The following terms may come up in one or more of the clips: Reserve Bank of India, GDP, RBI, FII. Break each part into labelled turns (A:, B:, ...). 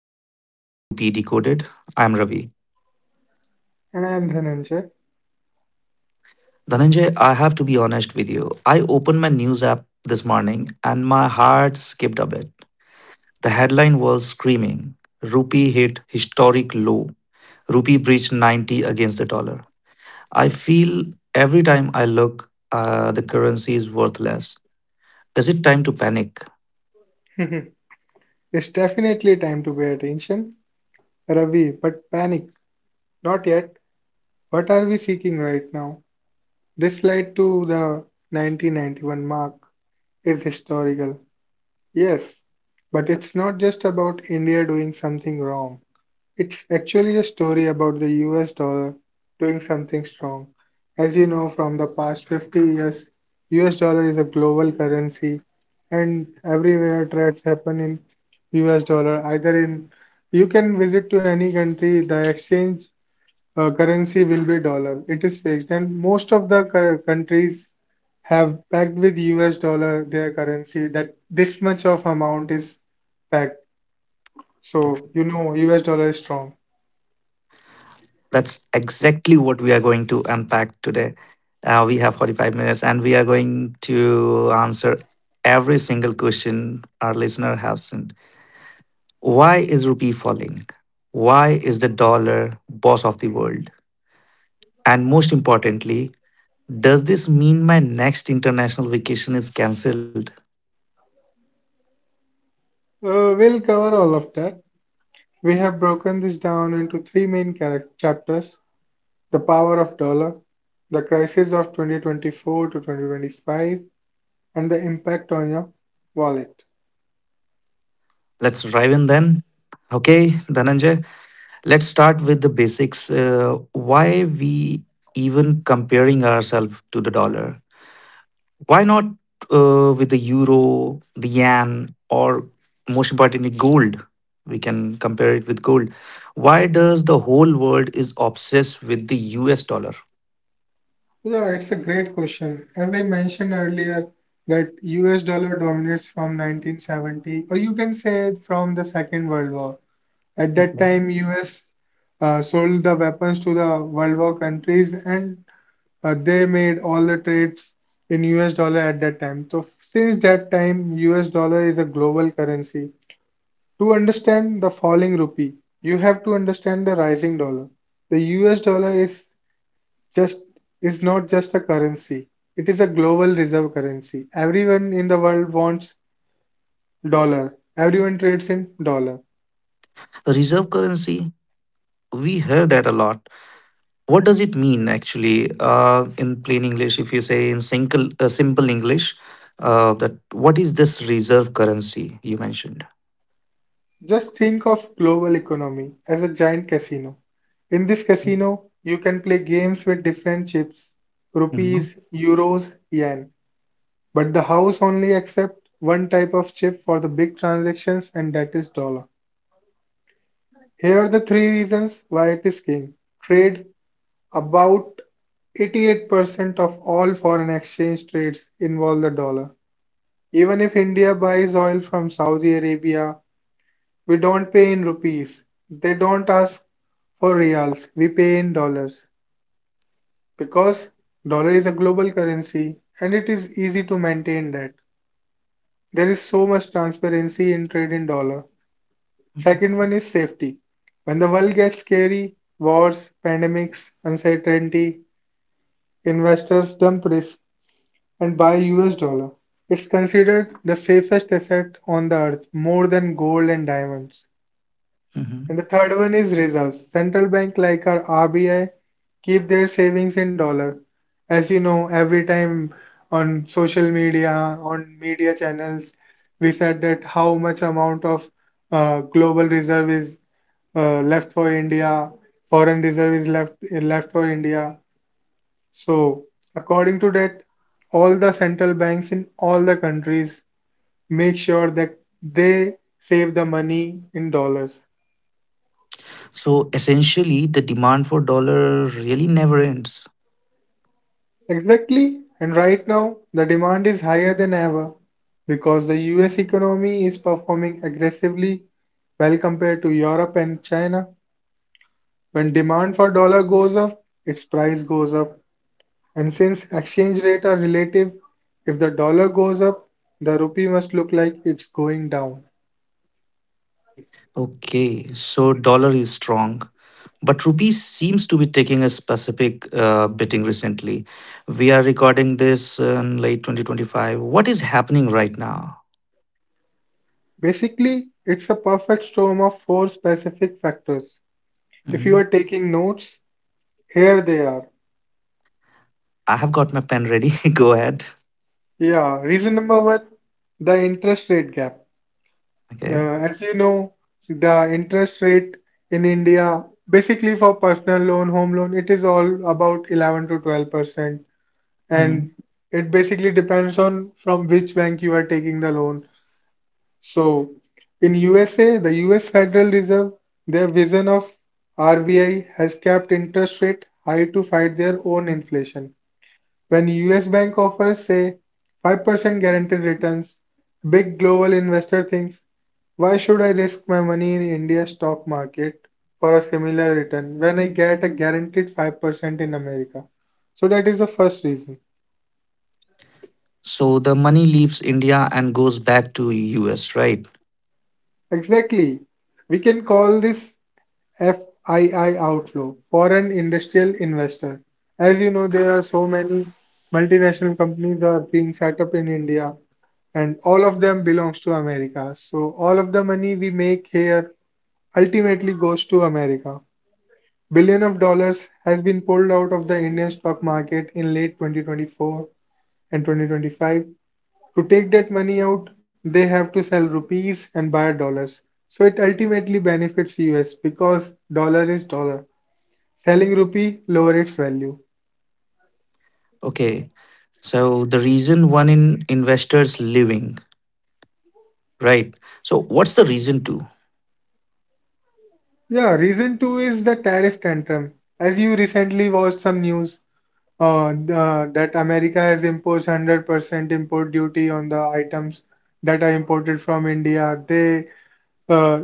A: to the Rupee Decoded. I'm Ravi.
B: And the ninja.
A: Dhananjay, I have to be honest with you. I opened my news app this morning and my heart skipped a bit. The headline was screaming Rupee hit historic low. Rupee breached 90 against the dollar. I feel every time I look, the currency is worthless. Is it time to panic?
B: It's definitely time to pay attention. Ravi, but panic. Not yet. What are we seeking right now? This slide to the 1991 mark is historical. Yes, but it's not just about India doing something wrong. It's actually a story about the US dollar doing something strong. As you know from the past 50 years, US dollar is a global currency and everywhere trades happen in US dollar. Either in you can visit to any country, the exchange currency will be dollar. It is fixed and most of the countries have packed with US dollar their currency that this much of amount is packed. So you know US dollar is strong.
A: That's exactly what we are going to unpack today. We have 45 minutes and we are going to answer every single question our listener has sent. Why is rupee falling? Why is the dollar boss of the world? And most importantly, does this mean my next international vacation is cancelled?
B: We'll cover all of that. We have broken this down into three main chapters the power of dollar, the crisis of 2024 to 2025, and the impact on your wallet.
A: Let's drive in then. Okay, Dhananjay, let's start with the basics. Why we even comparing ourselves to the dollar? Why not with the euro, the yen, or most importantly, gold? We can compare it with gold. Why does the whole world is obsessed with the US dollar?
B: Yeah, it's a great question. As I mentioned earlier, that US dollar dominates from 1970, or you can say from the Second World War. At that
A: Okay.
B: time, US sold the weapons to the World War countries, and they made all the trades in US dollar at that time. So since that time, US dollar is a global currency. To understand the falling rupee, you have to understand the rising dollar. The US dollar is just is not just a currency. It is a global reserve currency. Everyone in the world wants dollar. Everyone trades in dollar.
A: Reserve currency, we hear that a lot. What does it mean actually in plain English? If you say in simple, simple English, that what is this reserve currency you mentioned?
B: Just think of global economy as a giant casino. In this casino, you can play games with different chips,
A: Mhm.
B: rupees, euros, yen. But the house only accepts one type of chip for the big transactions and that is dollar. Here are the three reasons why it is king. Trade. About 88% of all foreign exchange trades involve the dollar. Even if India buys oil from Saudi Arabia, we don't pay in rupees. They don't ask for reals. We pay in dollars because dollar is a global currency and it is easy to maintain that. There is so much transparency in trade in dollar. Second one is safety. When the world gets scary, wars, pandemics, uncertainty, investors dump risk and buy US dollar. It's considered the safest asset on the earth, more than gold and diamonds.
A: Mhm.
B: And the third one is reserves. Central bank like our RBI keep their savings in dollar. As you know, every time on social media, on media channels, we said that how much amount of global reserve is left for India, foreign reserve is left for India. So according to that, all the central banks in all the countries make sure that they save the money in dollars.
A: So essentially, the demand for dollar really never ends.
B: Exactly, and right now the demand is higher than ever because the US economy is performing aggressively well compared to Europe and China. When demand for dollar goes up, its price goes up. And since exchange rate are relative, if the dollar goes up, the rupee must look like it's going down.
A: Okay, so dollar is strong, but rupee seems to be taking a specific beating recently. We are recording this in late 2025. What is happening right now?
B: Basically, it's a perfect storm of four specific factors. If you
A: Mhm.
B: are taking notes, here they are.
A: I have got my pen ready. Go ahead.
B: Yeah, reason number one, the interest rate gap. Uh,
A: Okay.
B: as you know, the interest rate in India, basically for personal loan, home loan, it is all about 11 to 12%.
A: Mhm.
B: And it basically depends on from which bank you are taking the loan. So in USA, the US Federal Reserve, their vision of RBI has kept interest rate high to fight their own inflation. When U.S. Bank offers, say, 5% guaranteed returns, big global investor thinks, why should I risk my money in India's stock market for a similar return when I get a guaranteed 5% in America? So that is the first reason.
A: So the money leaves India and goes back to US, right?
B: Exactly. We can call this FII outflow, foreign industrial investor. As you know, there are so many multinational companies are being set up in India, and all of them belongs to America. So all of the money we make here ultimately goes to America. Billion of dollars has been pulled out of the Indian stock market in late 2024 and 2025. To take that money out, they have to sell rupees and buy dollars. So it ultimately benefits US because dollar is dollar. Selling rupee lowered its value.
A: Okay. So the reason one in investors leaving, right? So what's the reason two?
B: Yeah, reason two is the tariff tantrum. As you recently watched some news that America has imposed 100% import duty on the items that are imported from India. Uh,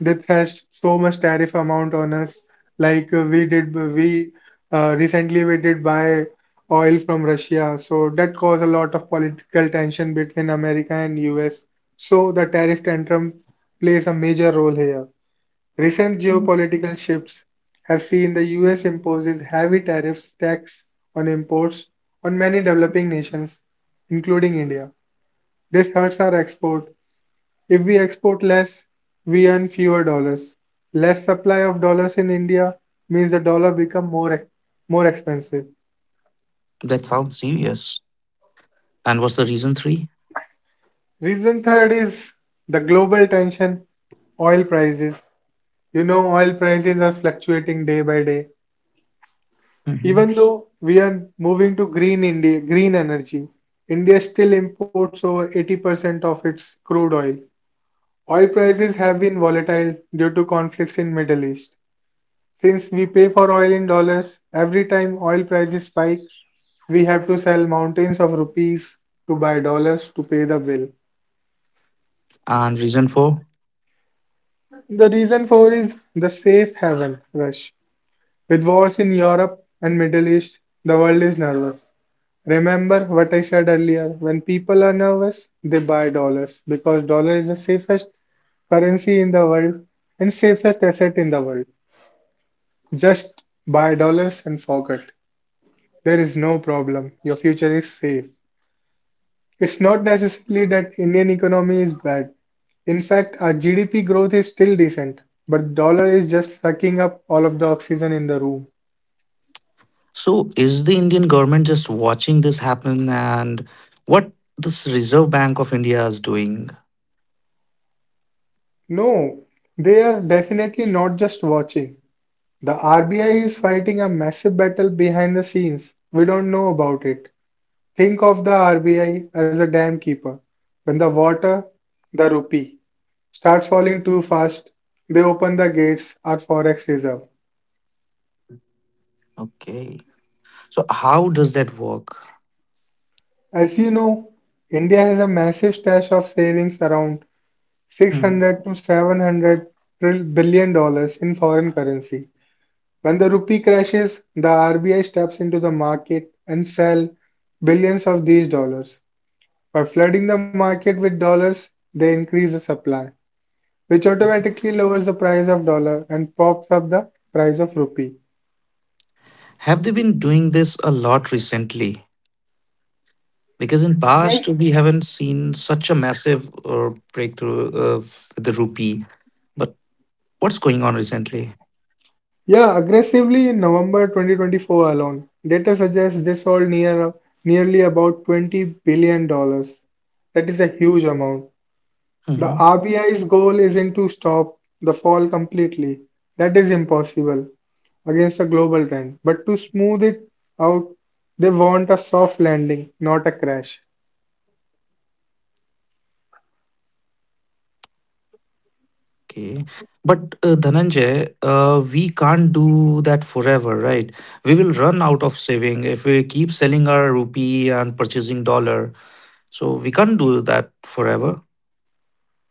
B: they thrashed so much tariff amount on us. Like we did, we recently we did buy oil from Russia, so that caused a lot of political tension between America and US. So the tariff tantrum plays a major role here. Recent geopolitical shifts have seen the US imposes heavy tariffs tax on imports on many developing nations, including India. This hurts our export. If we export less, we earn fewer dollars. Less supply of dollars in India means the dollar become more expensive.
A: That sounds serious. And what's the reason 3?
B: Reason third is the global tension oil prices. You know, oil prices are fluctuating day by day.
A: Mhm.
B: Even though we are moving to green India, green energy, India still imports over 80% of its crude oil. Oil prices have been volatile due to conflicts in Middle East. Since we pay for oil in dollars, every time oil prices spike, we have to sell mountains of rupees to buy dollars to pay the bill.
A: And reason four?
B: The reason for is the safe haven rush. With wars in Europe and Middle East, the world is nervous. Remember what I said earlier, when people are nervous, they buy dollars because dollar is the safest currency in the world and safest asset in the world. Just buy dollars and forget. There is no problem. Your future is safe. It's not necessarily that Indian economy is bad. In fact, our GDP growth is still decent, but dollar is just sucking up all of the oxygen in the room.
A: So, is the Indian government just watching this happen and what this Reserve Bank of India is doing?
B: No, they are definitely not just watching. The RBI is fighting a massive battle behind the scenes. We don't know about it. Think of the RBI as a dam keeper. When the water, the rupee, starts falling too fast, they open the gates, our forex reserve.
A: Okay. So, how does that work?
B: As you know, India has a massive stash of savings around
A: Hmm.
B: 600 to $700 in foreign currency. When the rupee crashes, the RBI steps into the market and sell billions of these dollars. By flooding the market with dollars, they increase the supply, which automatically lowers the price of dollar and pops up the price of rupee.
A: Have they been doing this a lot recently? Because in past
B: Aggress-
A: we haven't seen such a massive breakthrough with the rupee, but what's going on recently?
B: yeah, aggressively in November 2024 alone, data suggests they sold nearly about $20 billion. That is a huge amount. The
A: Mhm.
B: RBI's goal isn't to stop the fall completely, that is impossible against a global trend, but to smooth it out, they want a soft landing, not a crash.
A: Okay, but Dhananjay, we can't do that forever, right? We will run out of saving if we keep selling our rupee and purchasing dollar, so we can't do that forever.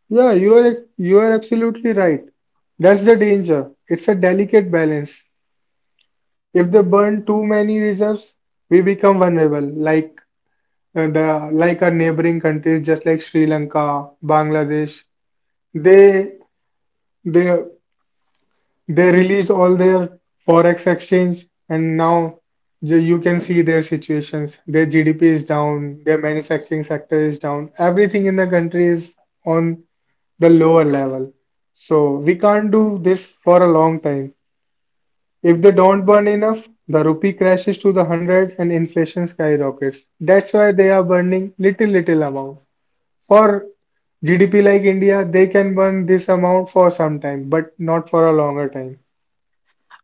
B: Yeah, you are absolutely right. That's the danger. It's a delicate balance. If they burn too many reserves, we become vulnerable, like our neighboring countries, just like Sri Lanka, Bangladesh. They they They released all their forex exchange, and now you can see their situations. Their GDP is down, their manufacturing sector is down, everything in the country is on the lower level. So we can't do this for a long time. If they don't burn enough, the rupee crashes to the 100 and inflation skyrockets. That's why they are burning little, little amounts. For GDP like India, they can burn this amount for some time, but not for a longer time.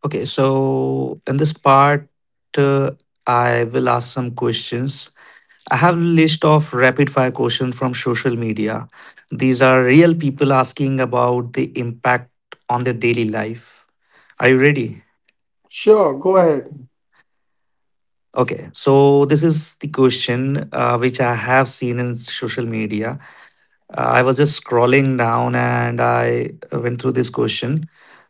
A: Okay so in this part uh, i will ask some questions. I have a list of rapid fire questions from social media. These are real people asking about the impact on their daily life. Are you ready?
B: Sure, go ahead.
A: Okay, so this is the question which I have seen in social media. I was just scrolling down and I went through this question.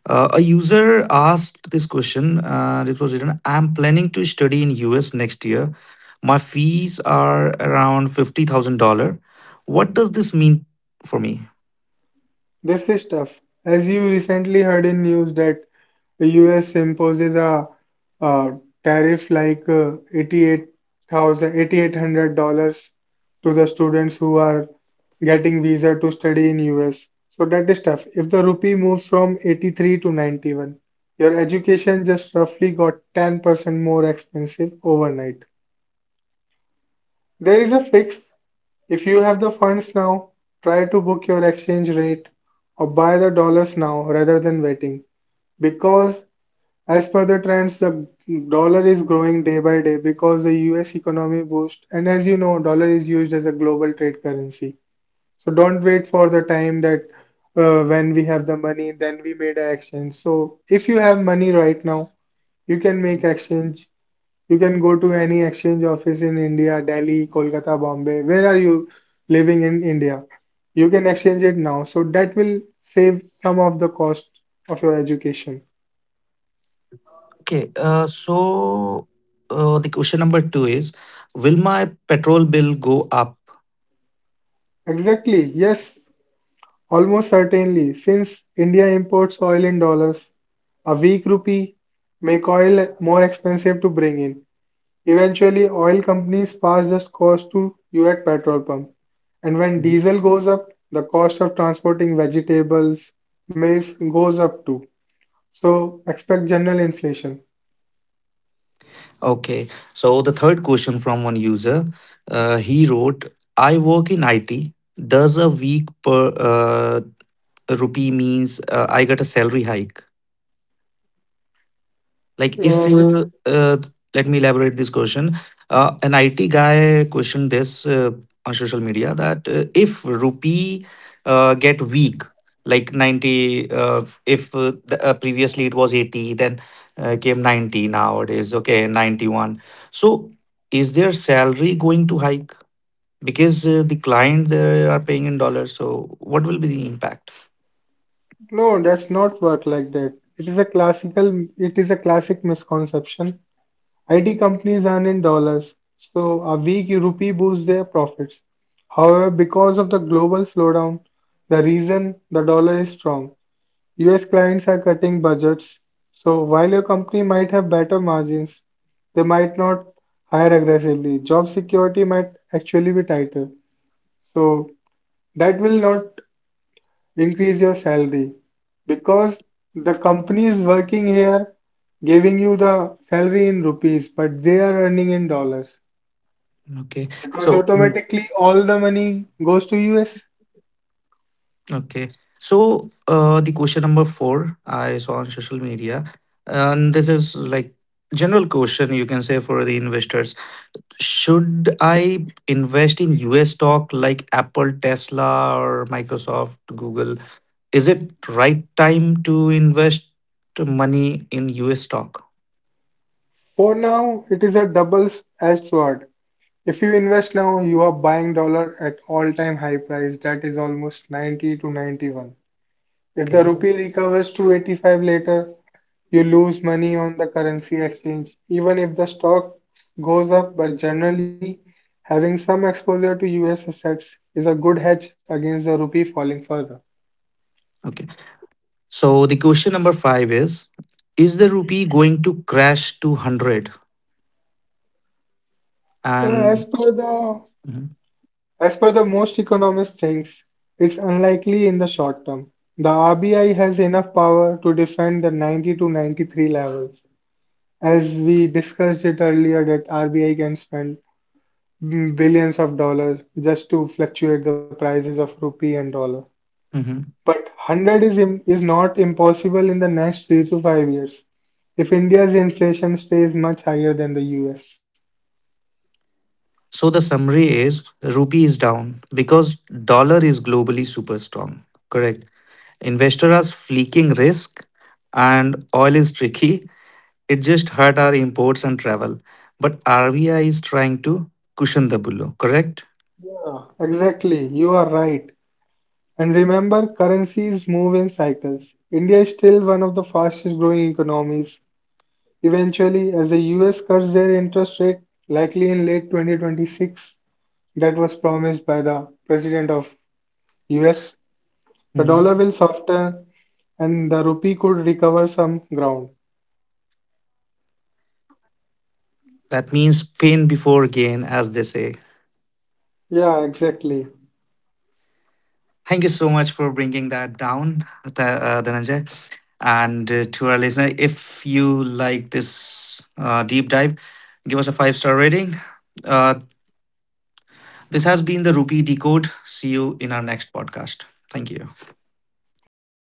A: A user asked this question. It was written, I'm planning to study in US next year. My fees are around $50,000. What does this mean for me?
B: This is tough. As you recently heard in news that the US imposes a, uh tariff like $88,000 to the students who are getting visa to study in US. So that is tough. If the rupee moves from 83 to 91, your education just roughly got 10% more expensive overnight. There is a fix. If you have the funds now, try to book your exchange rate or buy the dollars now rather than waiting. Because, as per the trends, the dollar is growing day by day because the US economy boost. And as you know, dollar is used as a global trade currency. So don't wait for the time that when we have the money, then we made an exchange. So if you have money right now, you can make exchange. You can go to any exchange office in India, Delhi, Kolkata, Bombay. Where are you living in India? You can exchange it now. So that will save some of the cost of your education.
A: Okay, so the question number two is, will my petrol bill go up?
B: Exactly. Yes, almost certainly. Since India imports oil in dollars, a weak rupee make oil more expensive to bring in. Eventually oil companies pass this cost to you at petrol pump. And when diesel goes up, the cost of transporting vegetables, maize goes up too. So expect general inflation.
A: Okay, so the third question from one user, he wrote, I work in IT. Does a week per rupee means I get a salary hike? Like if
B: It's
A: you Let me elaborate this question. An IT guy questioned this on social media that if rupee get weak, like 90, if the, previously it was 80, then came 90 nowadays, okay, 91. So is their salary going to hike? Because the client they are paying in dollars, so what will be the impact?
B: no, that's not work like that. It is a classic misconception. IT companies earn in dollars, so a weak rupee boosts their profits. However, because of the global slowdown, the reason the dollar is strong, US clients are cutting budgets, so while your company might have better margins, they might not hire aggressively. Job security might actually be tighter. So that will not increase your salary because the company is working here giving you the salary in rupees, but they are earning in dollars
A: Okay,
B: because
A: so
B: automatically all the money goes to US.
A: okay. So, the question number four I saw on social media, and this is like general question you can say for the investors. Should I invest in US stock like Apple, Tesla, or Microsoft, Google? Is it right time to invest money in US stock?
B: For now, it is a double-edged sword. If you invest now, you are buying dollar at all-time high price that is almost 90 to 91. If the
A: Okay.
B: rupee recovers to 85 later, you lose money on the currency exchange even if the stock goes up, but generally having some exposure to US assets is a good hedge against the rupee falling further.
A: Okay. So the question number five is: is the rupee going to crash to hundred?
B: So as
A: And
B: per the
A: Mhm.
B: as per the most economists thinks, it's unlikely in the short term. The RBI has enough power to defend the 90 to 93 levels. As we discussed it earlier, that RBI can spend billions of dollars just to fluctuate the prices of rupee and dollar.
A: Mhm.
B: But 100 is not impossible in the next 3 to 5 years if India's inflation stays much higher than the US.
A: So the summary is rupee is down because dollar is globally super strong. Correct. Investor are fleeking risk and oil is tricky. It just hurt our imports and travel. But RBI is trying to cushion the blow. Correct.
B: Yeah, exactly. You are right. And remember, currencies move in cycles. India is still one of the fastest growing economies. Eventually, as the US cuts their interest rate, likely in late 2026, that was promised by the president of US, the dollar
A: Mhm.
B: will soften and the rupee could recover some ground.
A: That means pain before gain, as they say.
B: Yeah, exactly.
A: Thank you so much for bringing that down, Dhananjay. And to our listener, if you like this deep dive, give us a five-star rating. Uh, This has been the Rupee Decode. See you in our next podcast. Thank you.
B: Thank you.